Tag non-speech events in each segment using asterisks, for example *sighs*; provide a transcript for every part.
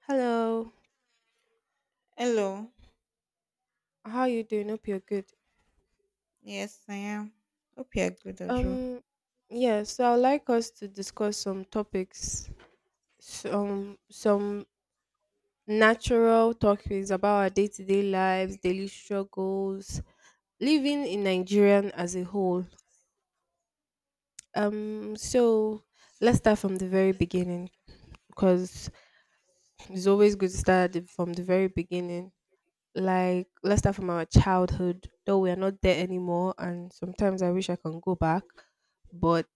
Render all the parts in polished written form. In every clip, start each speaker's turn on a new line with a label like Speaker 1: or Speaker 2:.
Speaker 1: Hello,
Speaker 2: Hello.
Speaker 1: how you doing? Hope you're good.
Speaker 2: Yes, I am. Hope you're good as well.
Speaker 1: Um, yeah, so I'd like us to discuss some topics, some natural topics about our day-to-day lives, daily struggles, living in Nigerian as a whole. So let's start from the very beginning because it's always good to start from the very beginning. Like, let's start from our childhood, though we are not there anymore, and sometimes I wish I can go back, but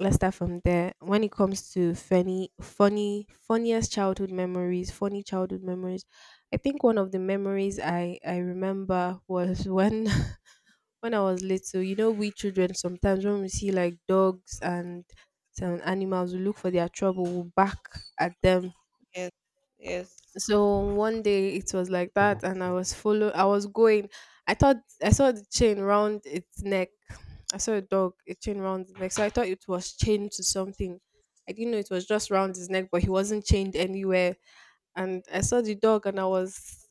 Speaker 1: let's start from there. When it comes to funniest childhood memories, funny childhood memories, I think one of the memories I remember was when *laughs* when I was little. You know, we children sometimes when we see like dogs and some animals, we look for their trouble, we will bark at them.
Speaker 2: Yes, yes.
Speaker 1: So one day it was like that, and I was follow. I was going. I thought I saw the chain round its neck. I saw a dog, a chain round its neck. So I thought it was chained to something. I didn't know it was just round his neck, but he wasn't chained anywhere. And I saw the dog, and I was,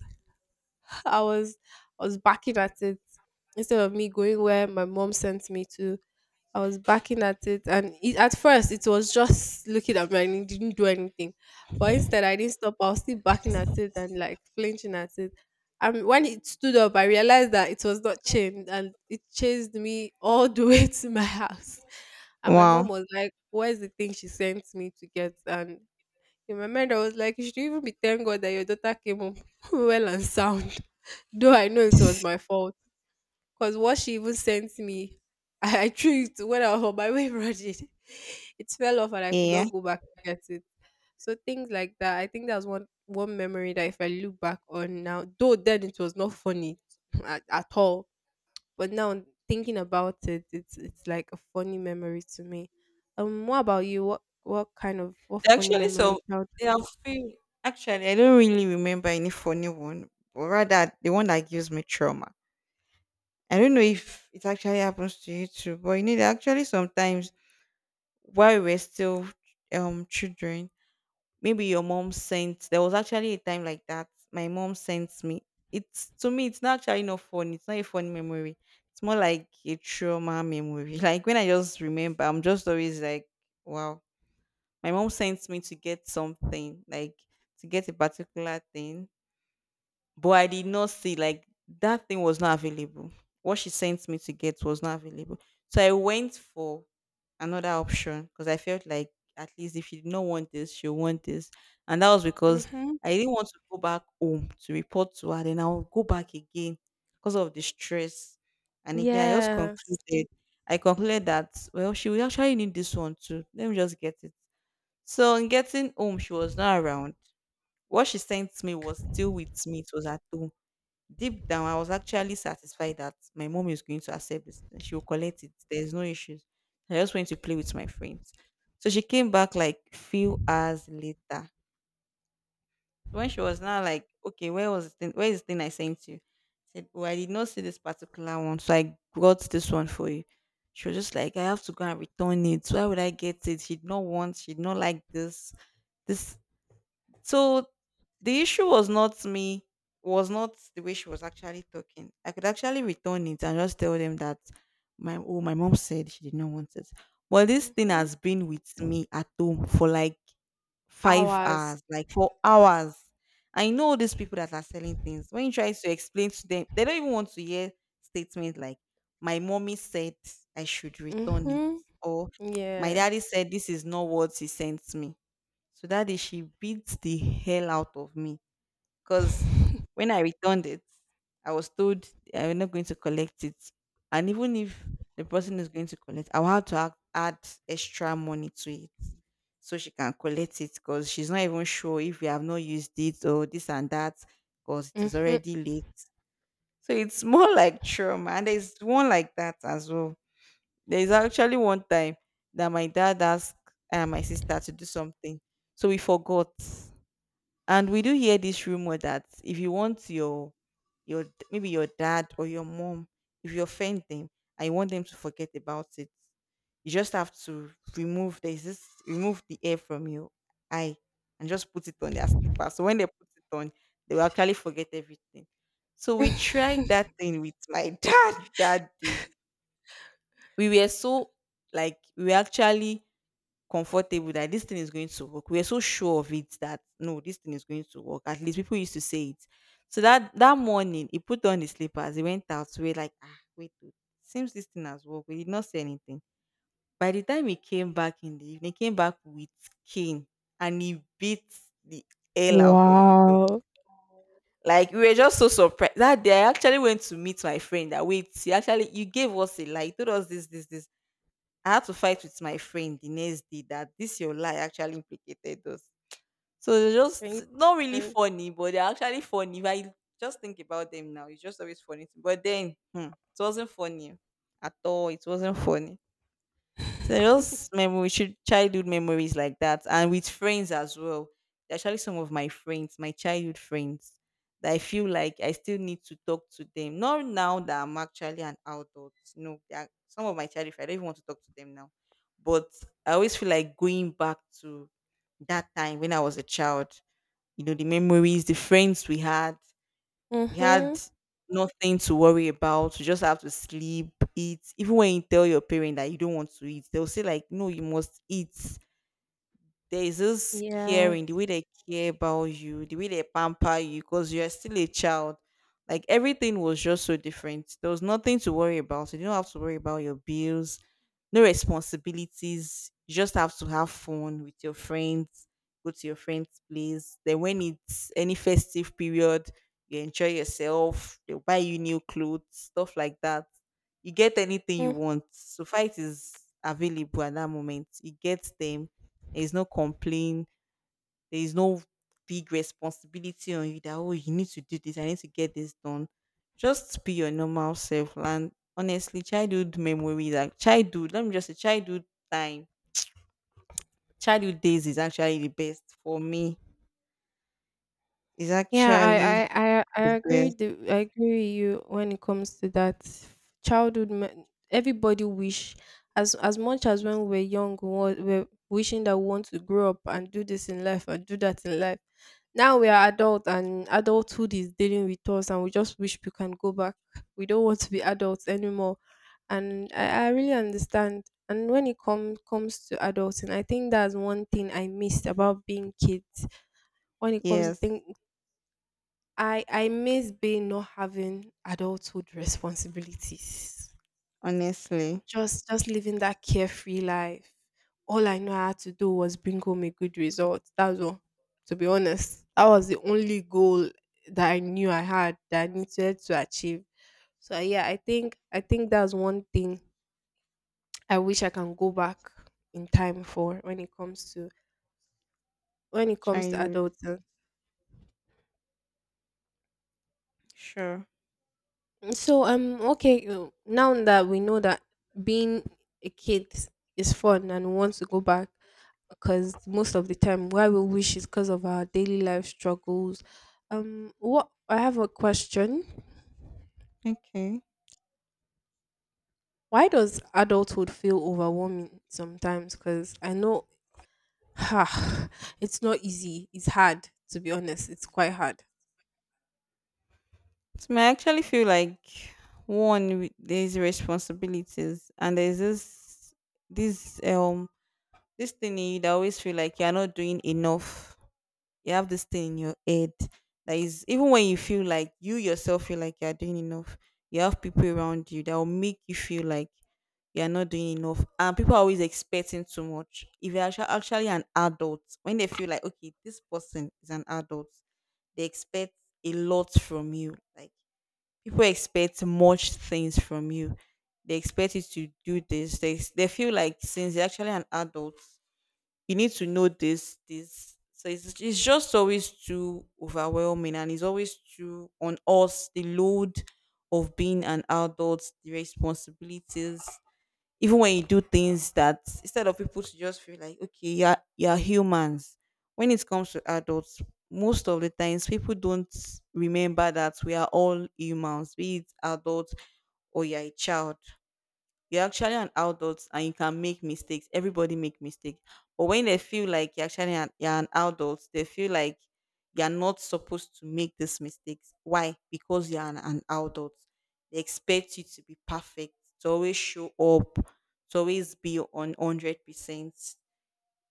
Speaker 1: *laughs* I was, I was barking at it instead of me going where my mom sent me to. I was backing at it, and it, at first it was just looking at me and it didn't do anything. But instead, I didn't stop. I was still backing at it and like flinching at it. And when it stood up, I realized that it was not chained, and it chased me all the *laughs* way to my house. And my mom
Speaker 2: Wow.
Speaker 1: was like, "Where's the thing she sent me to get?" And in my mind, I was like, "You should even be thank God that your daughter came home *laughs* well and sound." *laughs* Though I know it was my fault. Because what she even sent me, *laughs* I threw it when I was on my way running. *laughs* It fell off and I could not
Speaker 2: Yeah.
Speaker 1: go back to get it. So things like that. I think that's one memory that if I look back on now, though then it was not funny *sniffs* *laughs* at all. But now thinking about it, it's like a funny memory to me. What about you? What kind of what funny
Speaker 2: Actually,
Speaker 1: memory
Speaker 2: so
Speaker 1: child? *laughs*
Speaker 2: there are few. Actually, I don't really remember any funny one, but rather the one that gives me trauma. I don't know if it actually happens to you too, but you know, there are actually sometimes while we're still children, maybe your mom sent, there was actually a time like that my mom sent me. It's, to me it's not actually not fun, it's not a fun memory. It's more like a trauma memory. *laughs* Like when I just remember, I'm just always like, wow. My mom sent me to get something, like to get a particular thing, but I did not see, like that thing was not available. What she sent me to get was not available, so I went for another option because I felt like, at least if she did not want this, she'll want this. And that was because
Speaker 1: Mm-hmm.
Speaker 2: I didn't want to go back home to report to her, then I'll go back again because of the stress. And again, I just
Speaker 1: Yes.
Speaker 2: concluded, I concluded that well, she will actually need this one too. Let me just get it. So in getting home, she was not around. What she sent me was still with me. It was at home. Deep down, I was actually satisfied that my mom is going to accept this thing. She will collect it. There's no issues. I just went to play with my friends. So she came back like few hours later. So when she was now like, okay, where was the thing? Where is the thing I sent you? I said, oh, I did not see this particular one, so I got this one for you. She was just like, I have to go and return it. Why would I get it? She did not want. She did not like this. This. So the issue was not me, was not the way she was actually talking. I could actually return it and just tell them that my, oh, my mom said she did not want it. But this thing
Speaker 1: Mm-hmm.
Speaker 2: has been with me at home for like five
Speaker 1: Hours.
Speaker 2: hours, like 4 hours. I know these people that are selling things. When you try to explain to them, they don't even want to hear statements like, my mommy said I should return it,
Speaker 1: Mm-hmm.
Speaker 2: or my daddy
Speaker 1: Yes.
Speaker 2: said this is not what he sent me. So that day she beats the hell out of me because
Speaker 1: *laughs*
Speaker 2: when I returned it, I was told I'm not going to collect it. And even if the person is going to collect, I'll have to add extra money to it so she can collect it, because she's not even sure if we have not used it or this and that, because it is
Speaker 1: Mm-hmm.
Speaker 2: already late. So it's more *laughs* like trauma. And there's one like that as well. There's actually one time that my dad asked my sister to do something. So we forgot. And we do hear this rumor that if you want your maybe your dad or your mom, if you offend them and you want them to forget about it, you just have to remove, there's this, remove the air from your eye and just put it on their slipper, so when they put it on, they will actually forget everything. So we tried that
Speaker 1: *laughs*
Speaker 2: thing with my *laughs* dad that day. We were so, like we were actually comfortable that this thing is going to work. We are so sure of it that no, this thing is going to work. At least people used to say it. So that morning, he put on his slippers. He went out. We were like, ah, wait, oh, seems this thing has worked. We did not say anything. By the time he came back in the evening, he came back with cane, and he beat the hell out of Uto.
Speaker 1: Wow.
Speaker 2: Like we were just so surprised that day. I actually went to meet my friend. That, wait, he actually, you gave us a lie. He told us this, this, this. I had to fight with my friend the next day that this your lie actually implicated us. So they're
Speaker 1: Can you
Speaker 2: just not really
Speaker 1: *laughs*
Speaker 2: funny, but they're actually funny. If I just think about them now, it's just always funny. But then hmm, it wasn't funny at all. It wasn't funny. So those memories, should childhood memories like that, and with friends as well. There are, actually, some of my friends, my childhood friends, that I feel like I still need to talk to them. Not now that I'm actually an adult. No, they are, some of my childhood friends, I don't even want to talk to them now. But I always feel like going back to that time when I was a child. You know, the memories, the friends we
Speaker 1: mhm.
Speaker 2: had nothing to worry about. You just have to sleep, eat. Even when you tell your parent that you don't want to eat, they'll say like, "No, you must eat." There is this
Speaker 1: Yeah.
Speaker 2: caring, the way they care about you, the way they pamper you, because you're still a child. Like everything was just so different. There was nothing to worry about. You don't have to worry about your bills, no responsibilities. You just have to have fun with your friends, go to your friends' place. Then when it's any festive period, you enjoy yourself. They'll buy you new clothes, stuff like that. You get anything you want. So fight is available at that moment. You get them, there is no complaint. There is no big responsibility on you that, oh, you need to do this. I need to get this done. Just be your normal self. And honestly, childhood memories, like childhood. Let me just say, childhood time, childhood days is actually the best for me. Is
Speaker 1: Yeah,
Speaker 2: actually
Speaker 1: I
Speaker 2: the
Speaker 1: agree.
Speaker 2: best.
Speaker 1: I agree with you when it comes to that childhood. Everybody wish, as much as when we were young, we're wishing that we want to grow up and do this in life and do that in life. Now we are adult and adulthood is dealing with us, and we just wish we can go back. We don't want to be adults anymore, and I really understand. And when comes to adulting, I think that's one thing I missed about being kids when it comes to
Speaker 2: Yes,
Speaker 1: thing. I miss being not having adulthood responsibilities.
Speaker 2: honestly,
Speaker 1: Just living that carefree life. All I know I had to do was bring home a good result. That was all. To be honest, that was the only goal that I knew I had that I needed to achieve. So yeah, I think that's one thing I wish I can go back in time for when it comes to
Speaker 2: childhood.
Speaker 1: adults.
Speaker 2: Sure.
Speaker 1: So okay, now that we know that being a kid is fun and we want to go back because most of the time why we wish is because of our daily life struggles. What, I have a question.
Speaker 2: Okay.
Speaker 1: Why does adulthood feel overwhelming sometimes? Because I know *sighs* ha it's not easy. It's hard to be honest. It's quite hard.
Speaker 2: So I actually feel like one there's responsibilities, and there's this this this thing in you that always feel like you're not doing enough. You have this thing in your head that is, even when you feel like you yourself feel like you're doing enough, you have people around you that will make you feel like you're not doing enough. And people are always expecting too much. If you're actually an adult, when they feel like, okay, this person is an adult, they expect a lot from you. Like people expect much things from you. They expect you to do this. They feel like, since you're actually an adult, you need to know this this. So it's just always too overwhelming, and it's always too on us, the load of being an adult, the responsibilities. Even when you do things that, instead of people to just feel like okay, you're humans, when it comes to adults, most of the times people don't remember that we are all humans, be it adults or you're a child. You're actually an adult and you can make mistakes. Everybody make mistakes. But when they feel like you're actually an, you're an adult, they feel like you're not supposed to make these mistakes. Why? Because you're an adult. They expect you to be perfect, to always show up, to always be on 100%.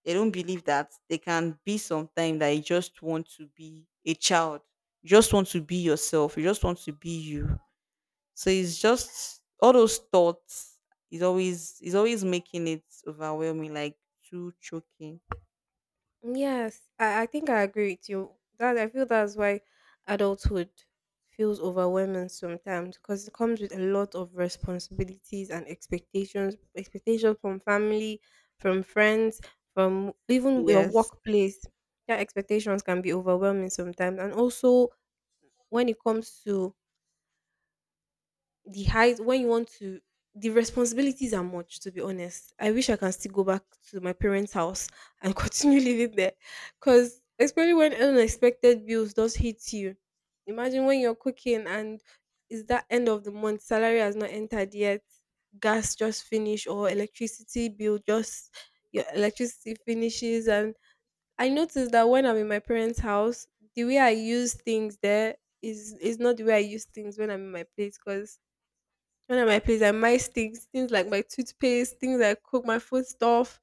Speaker 2: They don't believe that they can be sometimes that you just want to be a child. You just want to be yourself. You just want to be you. So it's just all those thoughts is always, is always making it overwhelming, like too choking.
Speaker 1: Yes, I think I agree with you. That I feel that's why adulthood feels overwhelming sometimes because it comes with a lot of responsibilities and expectations, expectations from family, from friends, from even your
Speaker 2: Yes.
Speaker 1: workplace. That expectations can be overwhelming sometimes. And also when it comes to the height when you want to, the responsibilities are much, to be honest. I wish I can still go back to my parents house and *laughs* continue living there because especially when unexpected bills does hit you, imagine when you're cooking and it's that end of the month salary has not entered yet, gas just finished or electricity bill just, your electricity finishes. And I noticed that when I'm in my parents house, the way I use things there is not the way I use things when I'm in my place. Because one of my place, I mice things, things like my toothpaste, things I cook, my food stuff.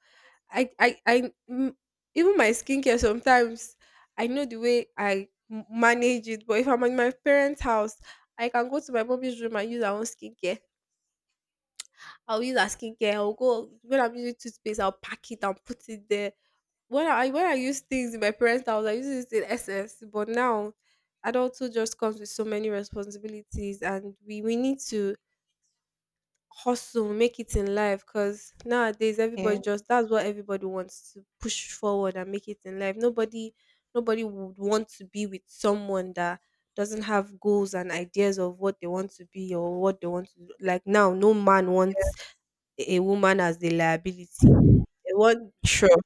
Speaker 1: I, I, I, mm, Even my skincare sometimes, I know the way manage it. But if I'm in my parents' house, I can go to my mommy's room and use her own skincare. I'll use her skincare. I'll go, when I'm using toothpaste, I'll pack it and put it there. When I use things in my parents' house, I use it in SS. But now, adulthood just comes with so many responsibilities. And we need to hustle, make it in life because nowadays everybody
Speaker 2: Yeah.
Speaker 1: just, that's what everybody wants to push forward and make it in life. Nobody would want to be with someone that doesn't have goals and ideas of what they want to be or what they want to do. Like now, no man wants
Speaker 2: Yes.
Speaker 1: a woman as the liability. They want,
Speaker 2: Sure.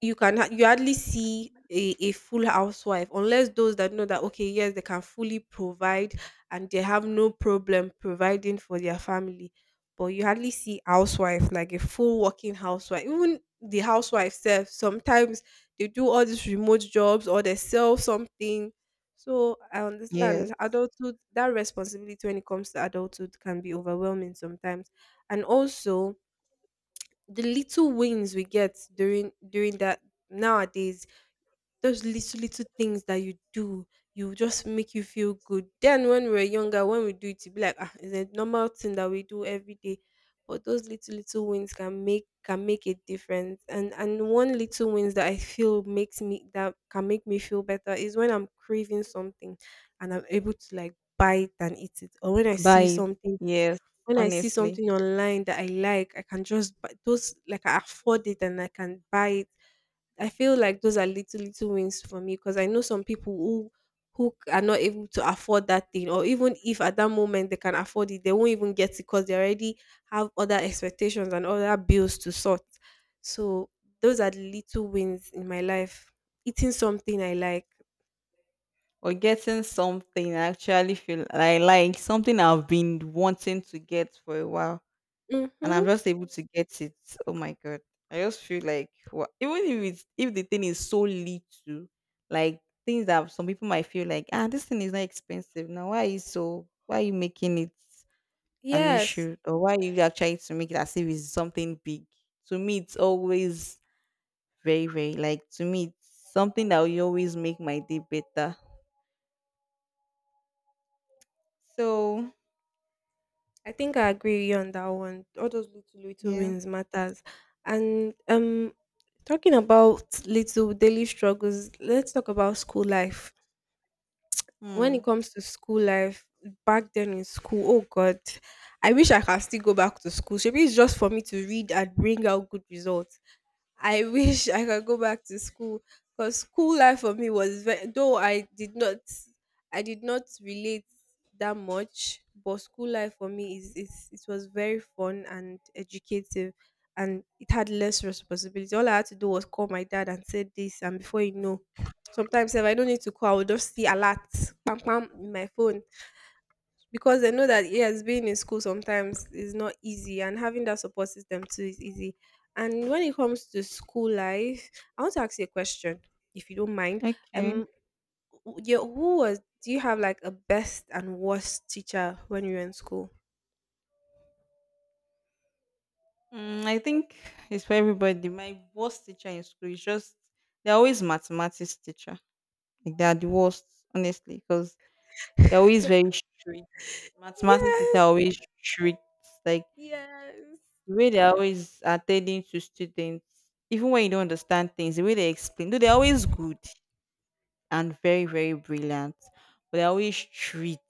Speaker 1: you hardly see a full housewife unless those that know that okay yes they can fully provide and they have no problem providing for their family. But you hardly see housewife like a full working housewife. Even the housewife self sometimes, they do all these remote jobs or they sell something. So I
Speaker 2: Yes.
Speaker 1: understand adulthood, that responsibility when it comes to adulthood can be overwhelming sometimes. And also the little wins we get during that nowadays, those little little things that you do, you just make you feel good. Then when we were younger, when we do it, it be like ah, it's a normal thing that we do every day. But those little little wins can make a difference. And one little wins that I feel makes me that can make me feel better is when I'm craving something and I'm able to like buy it and eat it, or when I see
Speaker 2: Bite.
Speaker 1: something
Speaker 2: Yes.
Speaker 1: when I see
Speaker 2: Honestly.
Speaker 1: something online that I like, I can just buy those, like I afford it and I can buy it. I feel like those are little little wins for me because I know some people who are not able to afford that thing, or even if at that moment they can afford it, they won't even get it because they already have other expectations and other bills to sort. So those are the little wins in my life. Eating something I like.
Speaker 2: Or getting something I actually feel I like, something I've been wanting to get for a while, and I'm
Speaker 1: Mm-hmm.
Speaker 2: just able to get it. Oh my god. I just feel like what, even if it's, if the thing is so little, like things that some people might feel like, ah, this thing is not expensive. Now why are you so, why are you making it an
Speaker 1: Yes.
Speaker 2: issue? Or why are you are trying to make it as if it's something big? To me it's always very, very, like to me it's something that will always make my day better. So
Speaker 1: I think I agree with you on that one. All those little little
Speaker 2: yes.
Speaker 1: wins matters. And talking about little daily struggles, let's talk about school life. When
Speaker 2: Hmm.
Speaker 1: it comes to school life, back then in school, oh god, I wish I can still go back to school. Maybe it's just for me to read and bring out good results. I *laughs* wish I could go back to school because school life for me was very, though I did not relate that much, but school life for me is, it was very fun and educative and it had less responsibility. All I had to do was call my dad and say this and before you know, sometimes if I don't need to call, I will just see alert pam pam in my phone because I know that yes, being in school sometimes is not easy, and having that support system too is easy. And when it comes to school life, I want to ask you a question, if you don't mind.
Speaker 2: Okay.
Speaker 1: Um, yeah, who was? Do you have like a best and worst teacher when you were in school?
Speaker 2: Mm, I think it's for everybody. My worst teacher in school is just, they're always mathematics teacher. Like they are the worst, honestly, because they're always
Speaker 1: *laughs*
Speaker 2: very strict. Mathematics teacher
Speaker 1: Yes,
Speaker 2: are always strict. Like
Speaker 1: yes.
Speaker 2: the way they're always attending to students, even when you don't understand things, the way they explain, though they're always good and very, very brilliant, but they're always strict.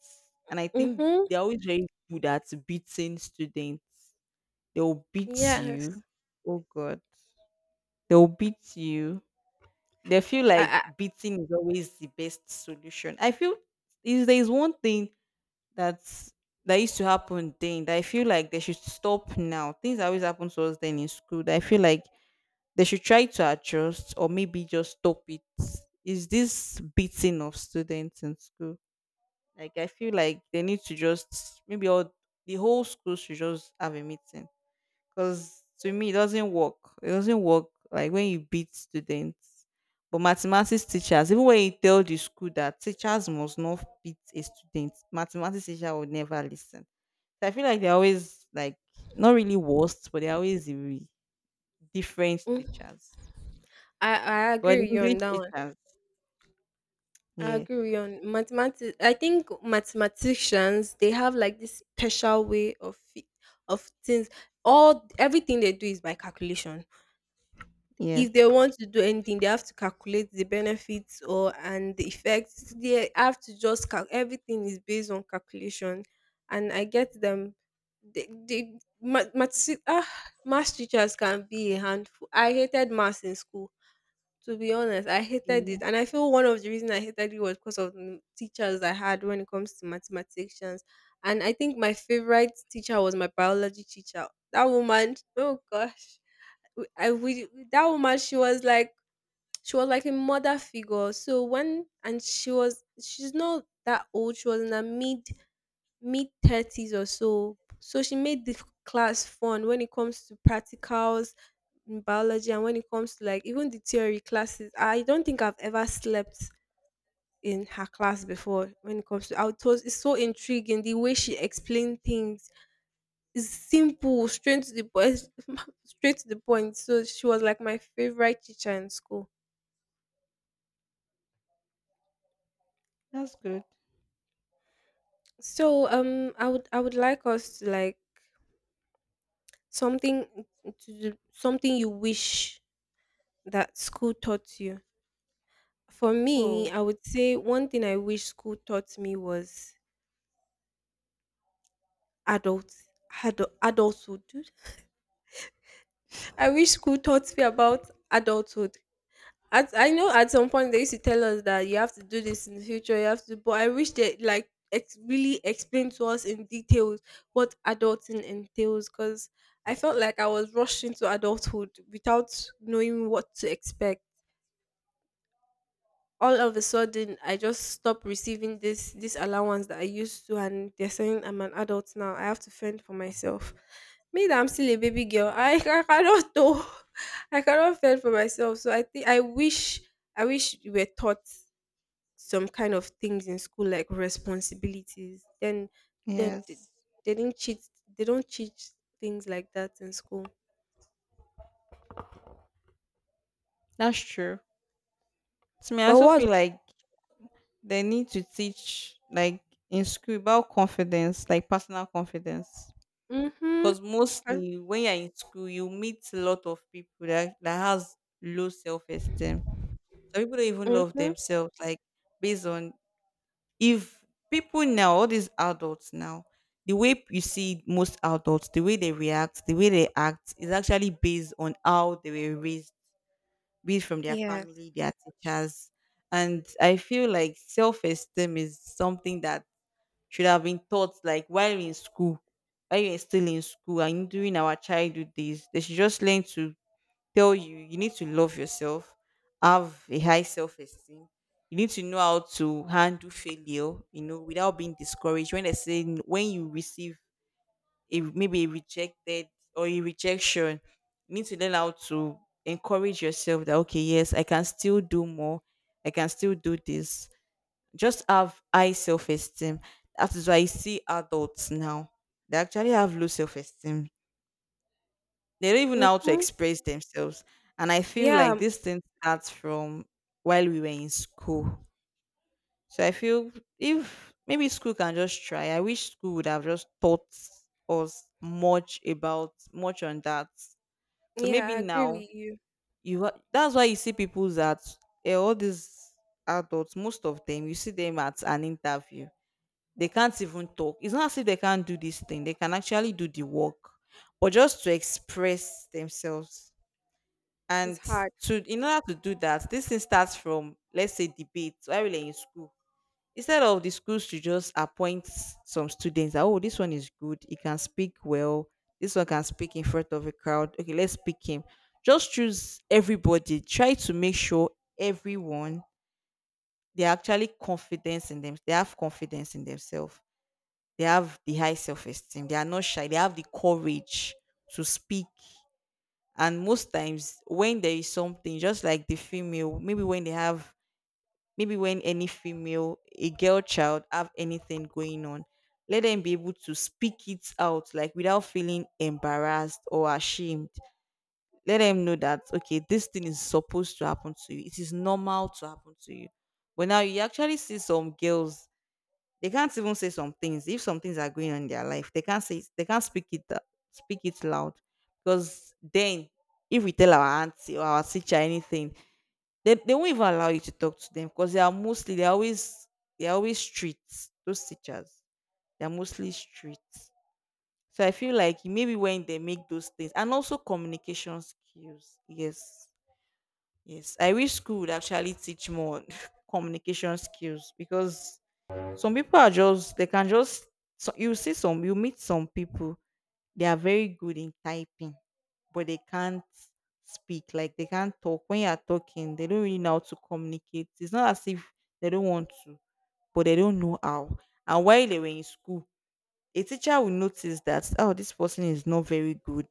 Speaker 2: And I think
Speaker 1: Mhm.
Speaker 2: they're always very good at beating students. They'll beat
Speaker 1: Yes.
Speaker 2: you. Oh God. They'll beat you. They feel like
Speaker 1: I,
Speaker 2: beating is always the best solution. I feel if there is one thing that's that used to happen then that I feel like they should stop now. Things that always happen to us then in school that I feel like they should try to adjust or maybe just stop it. Is this beating of students in school? Like I feel like they need to just maybe all the whole school should just have a meeting because to me it doesn't work. It doesn't work like when you beat students. But mathematics teachers, even when you tell the school that teachers must not beat a student, mathematics teacher would never listen. So I feel like they're always like not really worst, but they're always the different
Speaker 1: mm,
Speaker 2: teachers.
Speaker 1: I agree
Speaker 2: But
Speaker 1: with you
Speaker 2: English
Speaker 1: on that.
Speaker 2: teachers,
Speaker 1: I
Speaker 2: yeah,
Speaker 1: agree on mathematics. I think mathematicians, they have like this special way of things. All everything they do is by calculation.
Speaker 2: yes,
Speaker 1: If they want to do anything, they have to calculate the benefits or and the effects. They have to just everything is based on calculation, and I get them. They math teachers can be a handful. I hated maths in school to be honest, I hated
Speaker 2: yeah,
Speaker 1: it, and I feel one of the reason I hated it was because of the teachers I had when it comes to mathematicians. And I think my favorite teacher was my biology teacher. That woman, oh gosh, w- I we that woman, she was like a mother figure. So when and she's not that old. She was in her mid 30s or so. So she made the class fun when it comes to practicals in biology and when it comes to like even the theory classes. I don't think I've ever slept in her class before. When it comes to I was it's so intriguing the way she explained things is simple, straight to the point, *laughs* straight to the point. So she was like my favorite teacher in school.
Speaker 2: that's good.
Speaker 1: So I would like us to like something to do, something you wish that school taught you. For me,
Speaker 2: Oh,
Speaker 1: I would say one thing I wish school taught me was adult, adulthood. *laughs* I wish school taught me about adulthood. I know at some point they used to tell us that you have to do this in the future, you have to, but I wish they like really explained to us in details what adulting entails because I felt like I was rushed into adulthood without knowing what to expect. All of a sudden I just stopped receiving this allowance that I used to and they're saying I'm an adult now. I have to fend for myself. Me that I'm still a baby girl, I, *laughs* I cannot do *laughs* I cannot fend for myself. So I think I wish we were taught some kind of things in school like responsibilities. Then they, they,
Speaker 2: yes,
Speaker 1: they didn't cheat, they don't teach things like that in school.
Speaker 2: that's true. To me, I
Speaker 1: But
Speaker 2: also
Speaker 1: what
Speaker 2: feel like they need to teach like in school about confidence, like personal confidence.
Speaker 1: mm-hmm.
Speaker 2: Because mostly when you're in school, you meet a lot of people that has low self esteem. Some people don't even love
Speaker 1: Mm-hmm.
Speaker 2: themselves. Like based on if people now, all these adults now, the way you see most adults, the way they react, the way they act is actually based on how they were raised, be it from their
Speaker 1: Yes.
Speaker 2: family, their teachers, and I feel like self esteem is something that should have been taught like while in school, while you're still in school and during our childhood days. They should just learn to tell you you need to love yourself, have a high self esteem. You need to know how to handle failure, without being discouraged. When they say when you receive a, maybe a rejected or a rejection, you need to learn how to encourage yourself that okay, yes, I can still do more. I can still do this just have high self esteem. That is why you see adults now. They actually have low self esteem. They don't even know how to
Speaker 1: Mm-hmm.
Speaker 2: express themselves. And I feel like
Speaker 1: Yeah,
Speaker 2: this thing starts from while we were in school. So I feel if maybe school can just try. I wish school would have just taught us much about much on that. So
Speaker 1: yeah,
Speaker 2: maybe
Speaker 1: I agree
Speaker 2: now
Speaker 1: with you.
Speaker 2: that's why you see people that all these adults, most of them, you see them at an interview. They can't even talk. It's not as if they can't do this thing. They can actually do the work, but just to express themselves.
Speaker 1: It's
Speaker 2: And
Speaker 1: hard.
Speaker 2: to in order to do that, this thing starts from let's say debates while we're in school. Instead of the schools to just appoint some students, that, oh, this one is good, he can speak well, this one can speak in front of a crowd. Okay, let's pick him. Just choose everybody. Try to make sure everyone they are actually confidence in them. They have confidence in themselves they have the high self esteem. They are not shy. They have the courage to speak. And most times, when there is something, just like the female, maybe when they have, maybe when any female, a girl child, have anything going on, let them be able to speak it out, like without feeling embarrassed or ashamed. Let them know that, okay, this thing is supposed to happen to you. It is normal to happen to you. But now you actually see some girls they can't even say some things. If some things are going on in their life, they can't say they can't speak it out- speak it loud. Because then if we tell our auntie or our teacher anything, they won't even allow you to talk to them because they are mostly they're always strict, those teachers. They're mostly strict. So I feel like maybe when they make those things and also communication skills. Yes. Yes. I wish school would actually teach more *laughs* communication skills because some people are just they can just so you see some you meet some people they are very good in typing but they can't speak like they can't talk when you are talking they don't really know how to communicate. It's not as if they don't want to but they don't know how, and while they were in school a teacher will notice that oh this person is not very good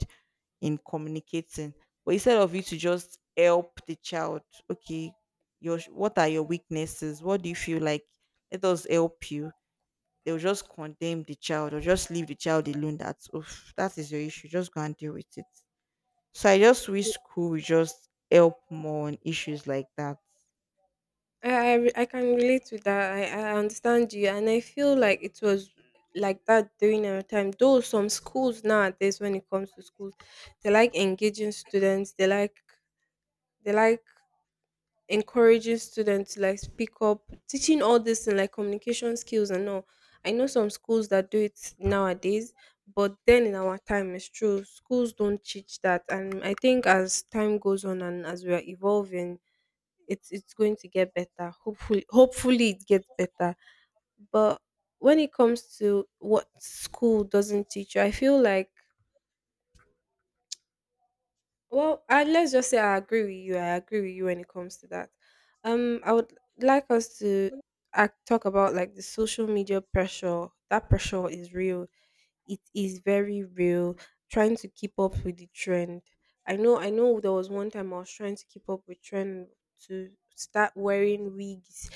Speaker 2: in communicating, but instead of you to just help the child, okay, your what are your weaknesses, what do you feel like, let us help you, they'll just condemn the child or just leave the child alone that oof, that is your issue just go and deal with it. So I just wish school would just help more on issues like that.
Speaker 1: I can relate with that. I understand you, and I feel like it was like that during our time. Though some schools nowadays, when it comes to schools, they like engaging students. They like encouraging students to like speak up, teaching all this and like communication skills and all. I know some schools that do it nowadays, but then in our time, it's true schools don't teach that. And I think as time goes on and as we are evolving it's going to get better. Hopefully it gets better. But when it comes to what school doesn't teach you, I feel like well, let's just say I agree with you. I agree with you when it comes to that. I would like us to talk about like the social media pressure. That pressure is real. It is very real. Trying to keep up with the trend. I know. I know. There was one time I was trying to keep up with trend to start wearing wigs,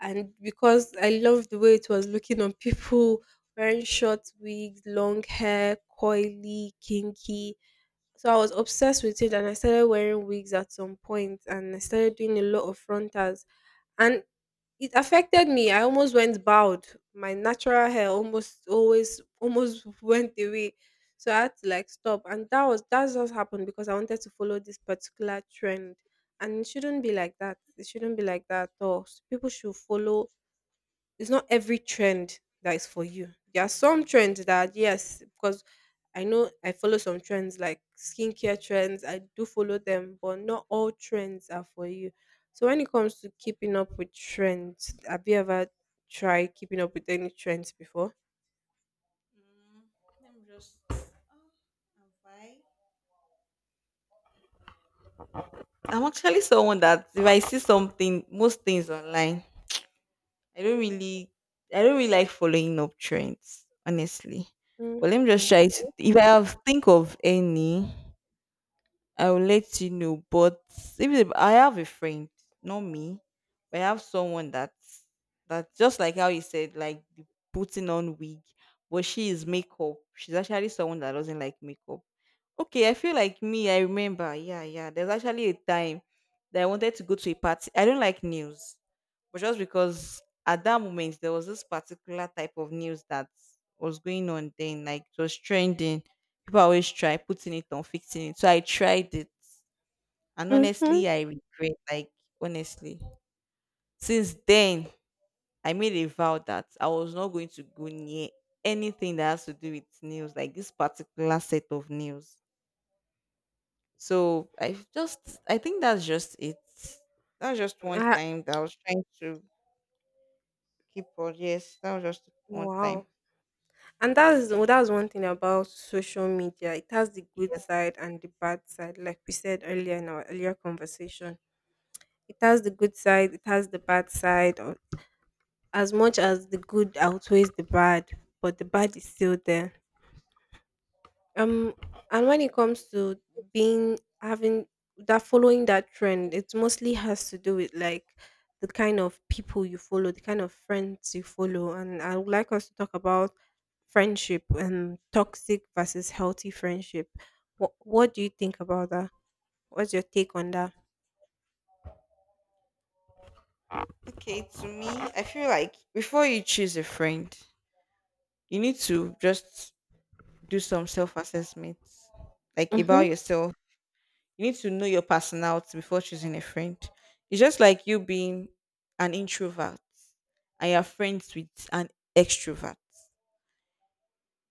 Speaker 1: and because I loved the way it was looking on people *laughs* wearing short wigs, long hair, coily, kinky. So I was obsessed with it and I started wearing wigs at some point and I started doing a lot of frontals and it affected me. I almost went bald. My natural hair almost always almost *laughs* went away. So I had to like stop. And that's what happened because I wanted to follow this particular trend. And it shouldn't be like that. It shouldn't be like that at all. So people should follow, it's not every trend that is for you. There are some trends that yes, because I know I follow some trends like skincare trends. I do follow them, but not all trends are for you. So when it comes to keeping up with trends, have you ever try keeping up with any trends before?
Speaker 2: Mm, let me just- oh, I'm fine. I'm actually someone that if I see something, most things online, I don't really, I don't really like following up trends, honestly.
Speaker 1: Mm,
Speaker 2: But let me just
Speaker 1: mm,
Speaker 2: try to, if I have think of any, I will let you know. But if I have a friend, not me, but I have someone that just like how you said, like the putting on wig, but she is makeup. She's actually someone that doesn't like makeup. Okay, I feel like me. I remember, yeah. There's actually a time that I wanted to go to a party. I don't like news, but just because at that moment there was this particular type of news that was going on then, like it was trending. People always try putting it on, fixing it. So I tried it and
Speaker 1: mhm.
Speaker 2: honestly, I regret, like, honestly. Since then, I made a vow that I was not going to go near anything that has to do with nails, like this particular set of nails. So I just, I think that's just it. That was just one
Speaker 1: Ah,
Speaker 2: time that I was trying to keep on. Yes, that was just one time.
Speaker 1: wow. And that's, well, that's one thing about social media. It has the good
Speaker 2: Yes.
Speaker 1: side and the bad side, like we said earlier in our earlier conversation. It has the good side, it has the bad side. Or as much as the good outweighs the bad, but the bad is still there. Um, and when it comes to being having that following that trend, it mostly has to do with like the kind of people you follow, the kind of friends you follow, and I would like us to talk about friendship and toxic versus healthy friendship. What do you think about that? What's your take on that?
Speaker 2: Okay, to me, I feel like before you choose a friend, you need to just do some self assessment, like
Speaker 1: Mm-hmm.
Speaker 2: about yourself. You need to know your personality before choosing a friend. It's just like you being an introvert and you're friends with an extrovert.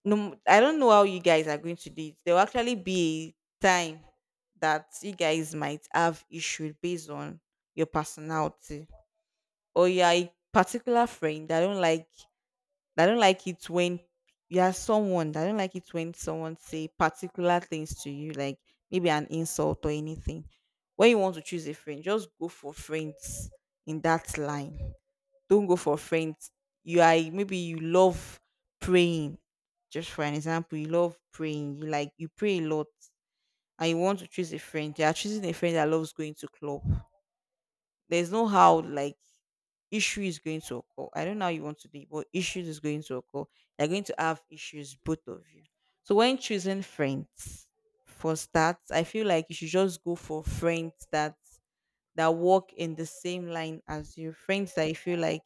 Speaker 2: No, I don't know how you guys are going to do it. There will actually be a time that you guys might have issues based on your personality. Or you're a particular friend. I don't like it when you are someone. I don't like it when someone say particular things to you, like maybe an insult or anything. When you want to choose a friend, just go for friends in that line. Don't go for friends. You are maybe you love praying. Just for an example, you love praying. You like you pray a lot, and you want to choose a friend. You are choosing a friend that loves going to club. There's no how like issue is going to occur. I don't know how you want to do it, but issues is going to occur. You're going to have issues, both of you. So when choosing friends, for starts, I feel like you should just go for friends that work in the same line as you. Friends that you feel like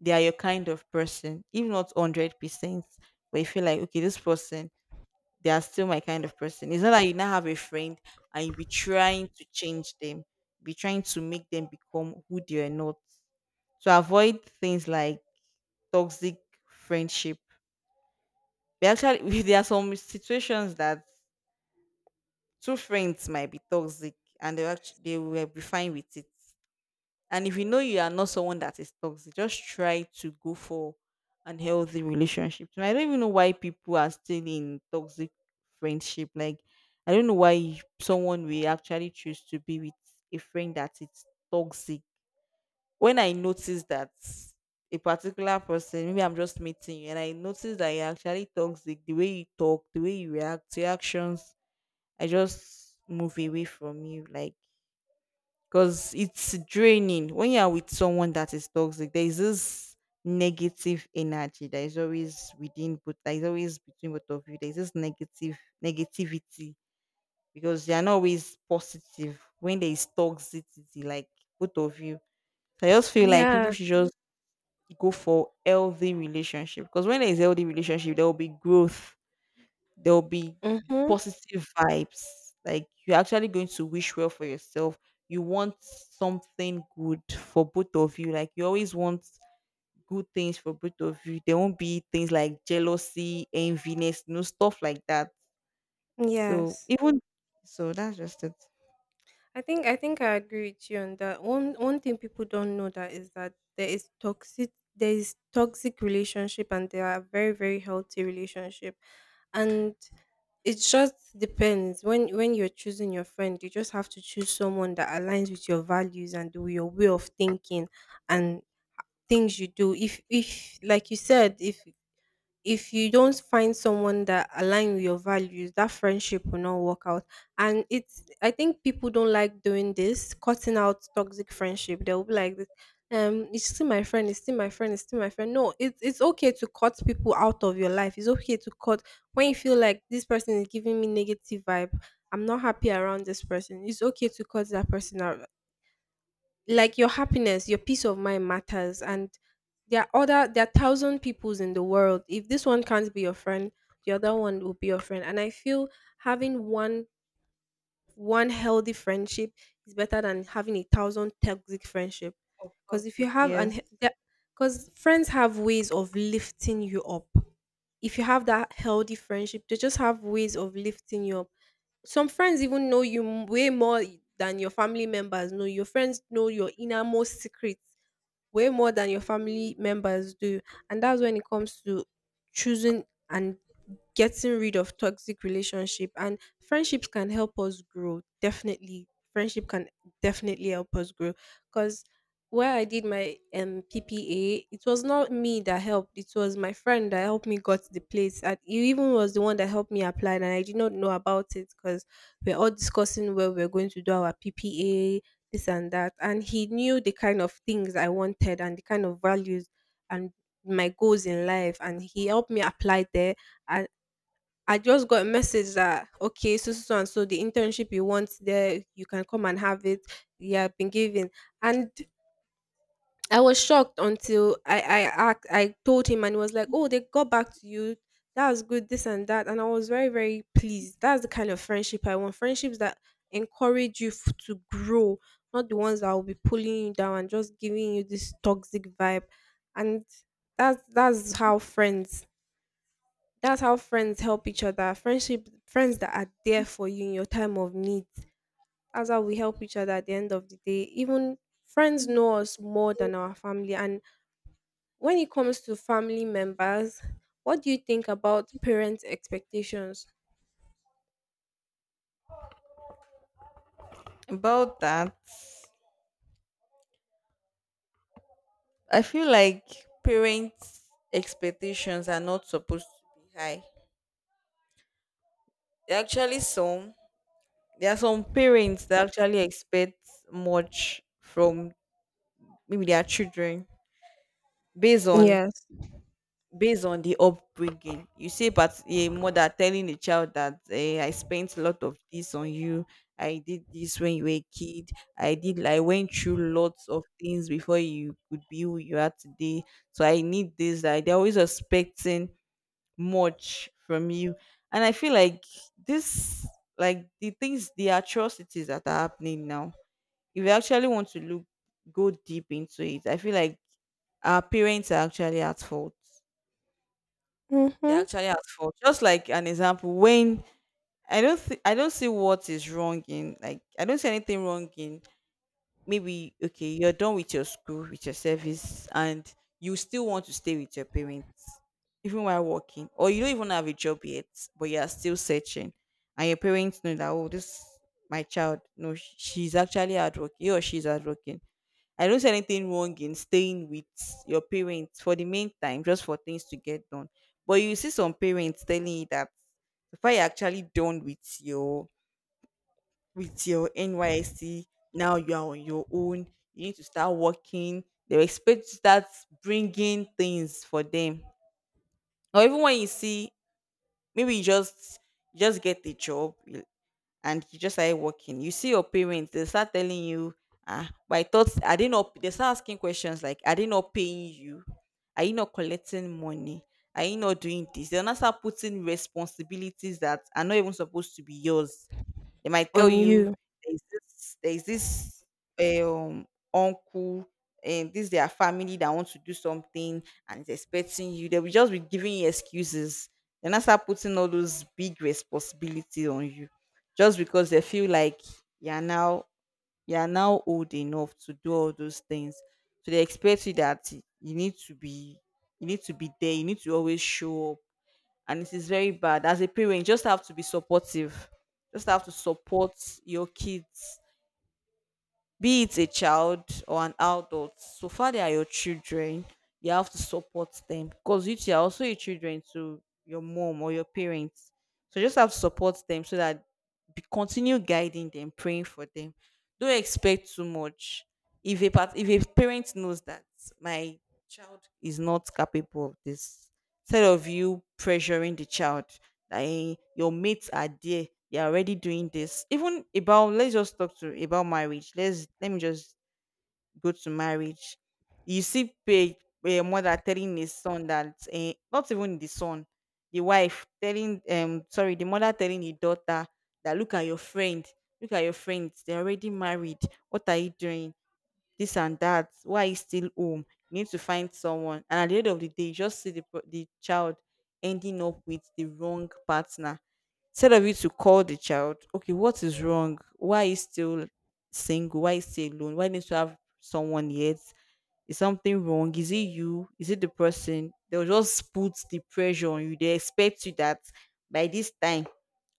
Speaker 2: they are your kind of person, if not 100%, but you feel like okay, this person they are still my kind of person. It's not that you now have a friend and you be trying to change them, be trying to make them become who they are not. So avoid things like toxic friendship. They actually *laughs* there are some situations that two friends might be toxic and they actually they will be fine with it. And if you know you are not someone that is toxic, just try to go for an healthy relationship. And I don't even know why people are still in toxic friendship. Like I don't know why someone will actually choose to be with a friend that is toxic. When I notice that a particular person, maybe I'm just meeting you, and I notice that you're actually toxic, the way you talk, the way you react, your actions, I just move away from you. Like because it's draining when you are with someone that is toxic there is this negative energy that is always within but that is always between both of you there is this negative negativity because they are not always positive when there is toxicity like both of you so I just feel like people
Speaker 1: Yeah.
Speaker 2: should just go for healthy relationship because when there is healthy relationship there will be growth there will be
Speaker 1: Mm-hmm.
Speaker 2: positive vibes. Like you're actually going to wish well for yourself. You want something good for both of you. Like you always want good things for both of you. There won't be things like jealousy, enviness, no stuff like that. So
Speaker 1: Yes.
Speaker 2: even so, that's just it.
Speaker 1: I think I agree with you on that. One thing people don't know that is that there is toxic, there is toxic relationship and there are very very healthy relationship, and it just depends when you're choosing your friend. You just have to choose someone that aligns with your values and with your way of thinking and things you do. If like you said, if you don't find someone that align with your values, that friendship will not work out. And it's, I think people don't like doing this, cutting out toxic friendship. They'll be like, this it's still my friend, it's still my friend, it's still my friend. No, it's okay to cut people out of your life. It's okay to cut when you feel like this person is giving me negative vibe, I'm not happy around this person. It's okay to cut that person out. Like, your happiness, your peace of mind matters. And there are other, there are thousand peoples in the world. If this one can't be your friend, the other one will be your friend. And I feel having one healthy friendship is better than having a thousand toxic friendship. Because if you
Speaker 2: Toxic,
Speaker 1: have
Speaker 2: yes.
Speaker 1: an, because friends have ways of lifting you up. If you have that healthy friendship, they just have ways of lifting you up. Some friends even know you way more than your family members know. Your friends know your innermost secrets way more than your family members do. And that's when it comes to choosing and getting rid of toxic relationship, and friendships can help us grow. Definitely friendship can definitely help us grow. Because where I did my ppa, it was not me that helped, it was my friend that helped me got the place, and he even was the one that helped me apply and I did not know about it. Because we're all discussing where we're going to do our ppa, this and that, and he knew the kind of things I wanted and the kind of values and my goals in life, and he helped me apply there. I just got a message that, okay, so so so and so, the internship you want there, you can come and have it. You have been given. And I was shocked until I told him, and he was like, oh, they got back to you. That was good, this and that, and I was very very pleased. That's the kind of friendship I want. Friendships that encourage you to grow, not the ones that will be pulling you down and just giving you this toxic vibe. And that's how friends, that's how friends help each other. Friends that are there for you in your time of need. That's how we help each other at the end of the day. Even friends know us more than our family. And when it comes to family members, what do you think about parents' expectations?
Speaker 2: About that, I feel like parents' expectations are not supposed to be high. There are actually some There are some parents that actually expect much from maybe their children based on
Speaker 1: Yes.
Speaker 2: based on the upbringing. You see, but a mother telling a child that I spent a lot of this on you. I did this when you were a kid. I did. I went through lots of things before you could be who you are today. So I need this. Like they're always expecting much from you, and I feel like this, like the things, the atrocities that are happening now if you actually want to look go deep into it, I feel like our parents are actually at fault.
Speaker 1: Mm-hmm.
Speaker 2: Just like an example, when I don't see what is wrong in, like, I don't see anything wrong in, maybe, okay, you're done with your school, with your service, and you still want to stay with your parents, even while working, or you don't even have a job yet, but you are still searching, and your parents know that, oh, this my child, no sh- she's actually hardworking, he or she's hardworking. I don't see anything wrong in staying with your parents for the meantime, just for things to get done. But you see some parents telling you that before you're actually done with your NYC, now you are on your own. You need to start working. They expect you to start bringing things for them. Or even when you see, maybe you just get a job and you just started working. You see your parents, they start telling you, ah, but I thought I didn't know they start asking questions like, "Are they not paying you? Are you not collecting money? Are you not doing this?" They'll not start putting responsibilities that are not even supposed to be yours. They might tell
Speaker 1: On
Speaker 2: you,
Speaker 1: you.
Speaker 2: there's this, um, uncle and this their family that wants to do something and is expecting you. They will just be giving you excuses. They now start putting all those big responsibilities on you just because they feel like you are now you are now old enough to do all those things. So they expect you that you need to be you need to be there, you need to always show up, and it is very bad. As a parent, you just have to be supportive. Just have to support your kids, be it a child or an adult. So far, they are your children. You have to support them because you too are also your children to your mom or your parents. So just have to support them so that continue guiding them, praying for them. Don't expect too much. If a parent knows that my child is not capable of this, instead of you pressuring the child, I, your mates are there, they're already doing this. Even about, let's just talk to about marriage, let me just go to marriage. You see a mother telling his son that not even the son, the wife telling, sorry, the mother telling the daughter that, "Look at your friend, look at your friends, they're already married. What are you doing? This and that. Why is still home? You need to find someone." And at the end of the day, you just see the, the child ending up with the wrong partner. Instead of you to call the child, "Okay, what is wrong? Why is still single? Why is still alone? Why needs to have someone yet? Is something wrong? Is it you? Is it the person?" They'll just put the pressure on you. They expect you that by this time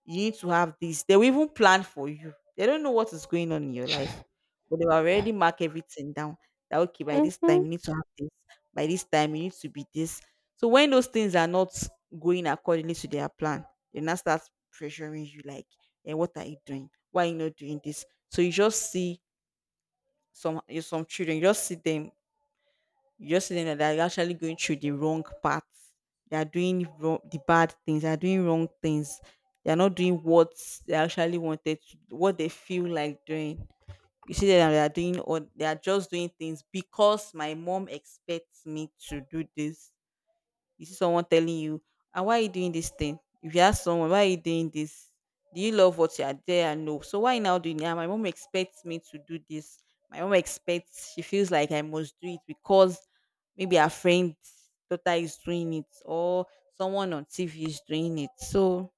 Speaker 2: you need to have this. They will even plan for you. They don't know what is going on in your life, but they will already mark everything down. That, okay, by this
Speaker 1: Mm-hmm.
Speaker 2: time you need to have this. By this time you need to be this. So when those things are not going accordingly to their plan, they now start pressuring you like, "And what are you doing? Why are you not doing this?" So you just see some children, you just see them that they're actually going through the wrong paths. They are doing wrong, the bad things. They are doing wrong things. They are not doing what they actually wanted to, what they feel like doing. You see them that they are doing, or they are just doing things because, "My mom expects me to do this." You see someone telling you, and, "Why are you doing this thing?" If you ask someone, "Why are you doing this? Do you love what you are there?" And no. So why now doing it? "Ah, my mom expects me to do this. My mom expects She feels like I must do it because maybe her friend daughter is doing it or someone on TV is doing it." So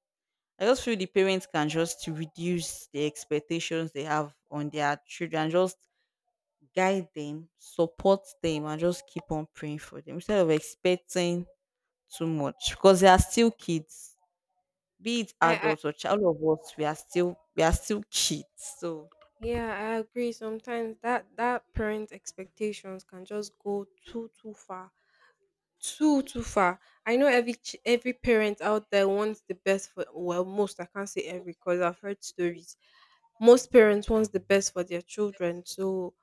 Speaker 2: I just feel the parents can just reduce the expectations they have on their children, just guide them, support them, and just keep on praying for them instead of expecting too much because they are still kids. Be it
Speaker 1: I
Speaker 2: adults or child of us, we are still kids. So
Speaker 1: yeah, I agree. Sometimes that that parent expectations can just go too far, too far. I know every parent out there wants the best for, well, most. I can't say every because I've heard stories. Most parents wants the best for their children, so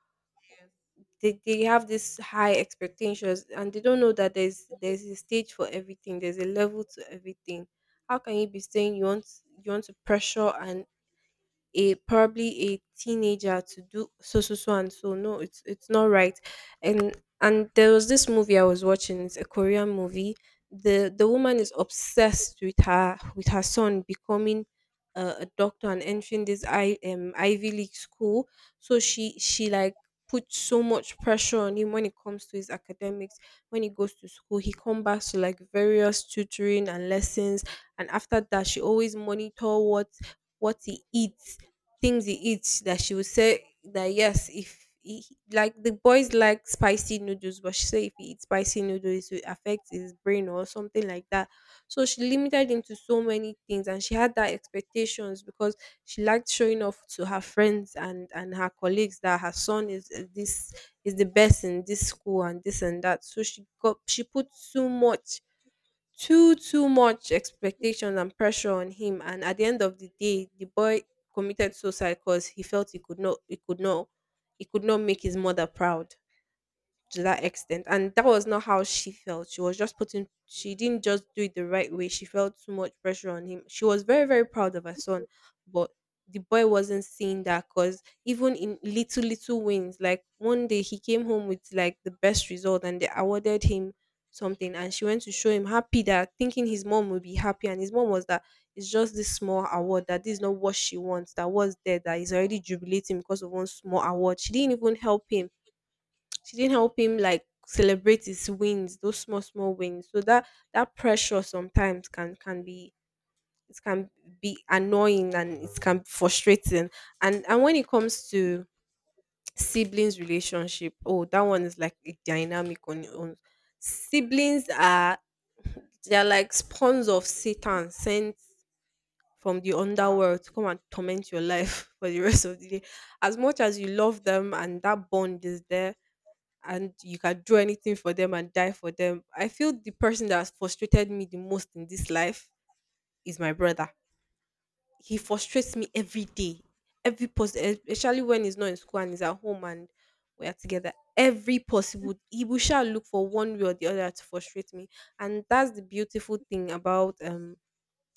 Speaker 1: they have this high expectations and they don't know that there's a stage for everything, there's a level to everything. How can you be saying you want, you want to pressure and a probably a teenager to do so so so and so? No, it's not right. and and there was this movie I was watching. It's a korean movie. The the woman is obsessed with her, with her son becoming a doctor and entering this I ivy league school. So she like puts so much pressure on him when it comes to his academics. When he goes to school, he comes back to like various tutoring and lessons, and after that she always monitor what he eats, things he eats. That she would say that yes, if he, like the boys like spicy noodles, but she said if he eats spicy noodles, it will affect his brain or something like that. So she limited him to so many things, and she had that expectations because she liked showing off to her friends and her colleagues that her son is this is the best in this school and this and that. So she put too much too much expectation and pressure on him, and at the end of the day the boy committed suicide because he felt he could not make his mother proud to that extent. And that was not how she felt. She didn't just do it the right way. She felt too much pressure on him. She was very, very proud of her son, but the boy wasn't seeing that because even in little, little wins, like one day he came home with like the best result and they awarded him something, and she went to show him happy, that thinking his mom would be happy, and his mom was that it's just this small award, that this is not what she wants, that was there, that is already jubilating because of one small award. She didn't help him like celebrate his wins, those small small wins. So that pressure sometimes can be it can be annoying, and it can be frustrating. And when it comes to siblings relationship, oh, that one is like a dynamic on your own. Siblings are they're like spawns of Satan, sent from the underworld to come and torment your life *laughs* for the rest of the day, as much as you love them, and that bond is there, and you can do anything for them and die for them. I feel the person that has frustrated me the most in this life is my brother. He frustrates me every day, especially when he's not in school and he's at home and we are together. Every possible, he will shall look for one way or the other to frustrate me, and that's the beautiful thing about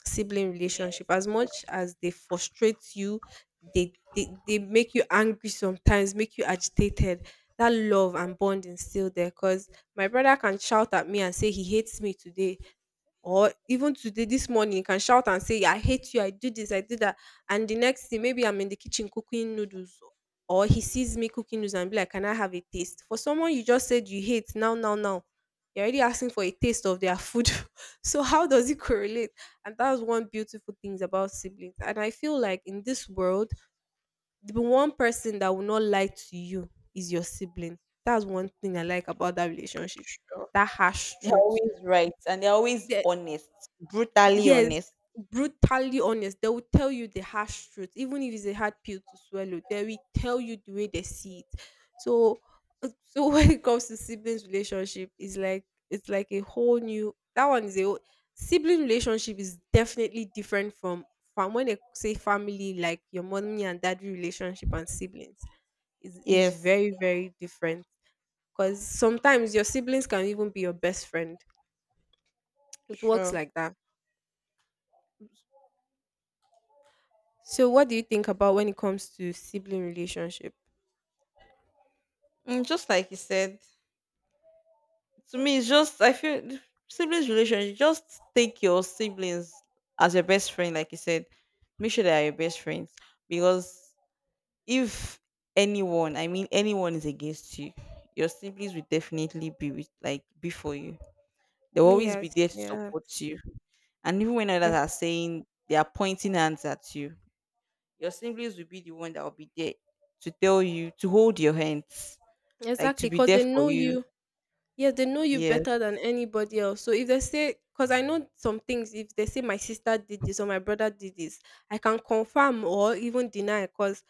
Speaker 1: sibling relationship.
Speaker 2: yes,
Speaker 1: As much as they frustrate you, they make you angry, sometimes make you agitated. That love and bond is still there, because my brother can shout at me and say he hates me today, or even today this morning, you can shout and say, I hate you, I do this, I do that, and the next thing maybe I'm in the kitchen cooking noodles, or he sees me cooking noodles and be like, can I have a taste? For someone you just said you hate, now, now, now you're already asking for a taste of their food. *laughs* So how does it correlate? And that was one beautiful things about siblings. And I feel like in this world, the one person that will not lie to you is your sibling. That's one thing I like about that relationship, that harsh
Speaker 2: they're
Speaker 1: truth.
Speaker 2: always right and they're always honest, brutally
Speaker 1: Yes,
Speaker 2: honest.
Speaker 1: brutally honest. They will tell you the harsh truth, even if it's a hard pill to swallow. They will tell you the way they see it. So, so, *laughs* when it comes to siblings relationship, it's like a whole new. That one is a whole- Sibling relationship is definitely different from when they say family, like your mommy and daddy relationship, and siblings is
Speaker 2: Yes,
Speaker 1: very very different. Because sometimes your siblings can even be your best friend. It works
Speaker 2: sure.
Speaker 1: like that. So, what do you think about when it comes to sibling relationship?
Speaker 2: Mm, just like you said, to me, it's just I feel the siblings relationship. Just take your siblings as your best friend, like you said. Make sure they are your best friends because if anyone, I mean anyone, is against you, your siblings will definitely be with, like, before you. They'll always be
Speaker 1: Yes,
Speaker 2: there to
Speaker 1: yeah,
Speaker 2: support you. And even when others
Speaker 1: yeah,
Speaker 2: are saying they are pointing hands at you, your siblings will be the one that will be there to tell you to hold your hands, like to
Speaker 1: exactly.
Speaker 2: be
Speaker 1: Because
Speaker 2: there
Speaker 1: they
Speaker 2: for
Speaker 1: know
Speaker 2: you.
Speaker 1: you. Yeah, they know you
Speaker 2: Yes.
Speaker 1: better than anybody else. So if they say, because I know some things, if they say my sister did this or my brother did this, I can confirm or even deny, because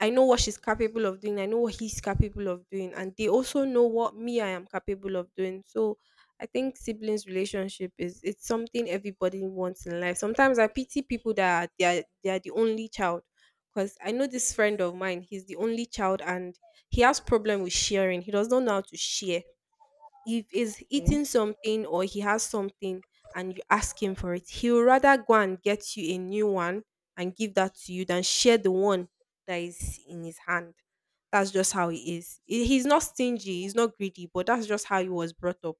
Speaker 1: I know what she's capable of doing. I know what he's capable of doing. And they also know what me I am capable of doing. So I think siblings relationship is it's something everybody wants in life. Sometimes I pity people that are, they are, they are the only child. Because I know this friend of mine, he's the only child, and he has problem with sharing. He does not know how to share. If he's
Speaker 2: Okay.
Speaker 1: eating something or he has something and you ask him for it, he would rather go and get you a new one and give that to you than share the one that is in his hand. That's just how he is. He's not stingy, he's not greedy, but that's just how he was brought up.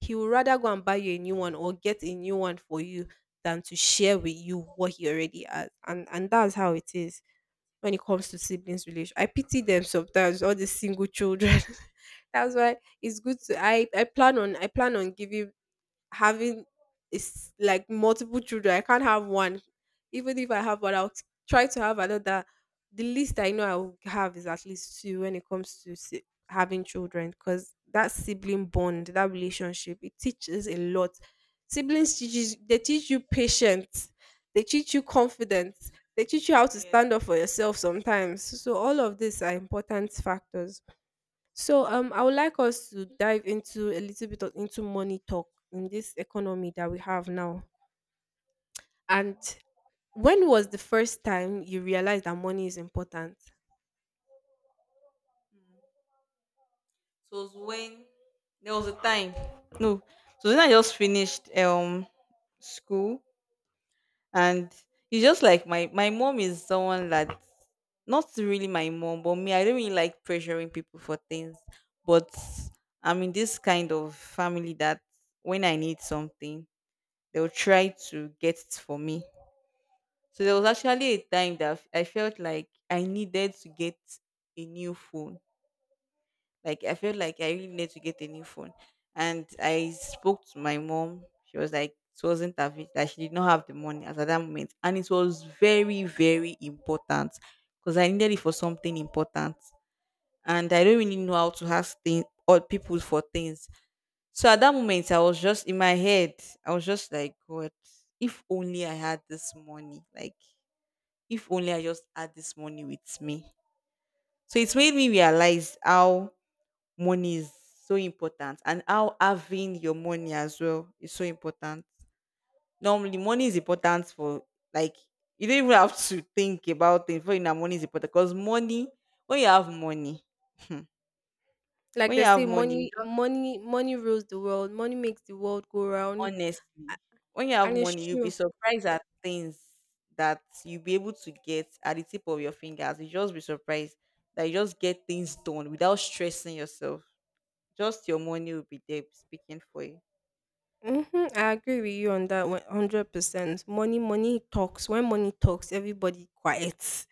Speaker 1: He would rather go and buy you a new one or get a new one for you than to share with you what he already has. And that's how it is when it comes to siblings relation. I pity them sometimes, all the single children. *laughs* That's why it's good to I plan on giving having is like multiple children. I can't have one. Even if I have one, I'll try to have another. The least I know I will have is at least two, when it comes to having children, because that sibling bond, that relationship, it teaches a lot. Siblings teach you patience, they teach you confidence, they teach you how to
Speaker 2: Yeah.
Speaker 1: stand up for yourself sometimes. So all of these are important factors. So I would like us to dive into a little bit of, into money talk in this economy that we have now. And when was the first time you realized that money is important?
Speaker 2: So it was when there was a time. No. So then I just finished school, and it's just like my mom is someone that, not really my mom, but me, I don't really like pressuring people for things, but I'm in this kind of family that when I need something they'll try to get it for me. So there was actually a time that I felt like I needed to get a new phone. Like, I felt like I really need to get a new phone. And I spoke to my mom. She was like, it wasn't available, that she did not have the money as at that moment. And it was very, very important because I needed it for something important. And I don't really know how to ask things or people for things. So at that moment, I was just in my head, I was just like, God, if only I had this money. Like, if only I just had this money with me. So it made me realize how money is so important and how having your money as well is so important. Normally, money is important for, like, you don't even have to think about it for you know money is important because money when you have money
Speaker 1: Like
Speaker 2: when
Speaker 1: they
Speaker 2: you
Speaker 1: say,
Speaker 2: have money you
Speaker 1: money,
Speaker 2: just
Speaker 1: money, money rules the world. Money makes the world go round,
Speaker 2: honestly, when you have
Speaker 1: and it's
Speaker 2: money, you'll be
Speaker 1: true.
Speaker 2: surprised at things that you'll be able to get at the tip of your fingers. You just be surprised that you just get things done without stressing yourself. Just your money will be there speaking for you.
Speaker 1: Hmm. I agree with you on that 100%. Money, money talks. When money talks, everybody quiets.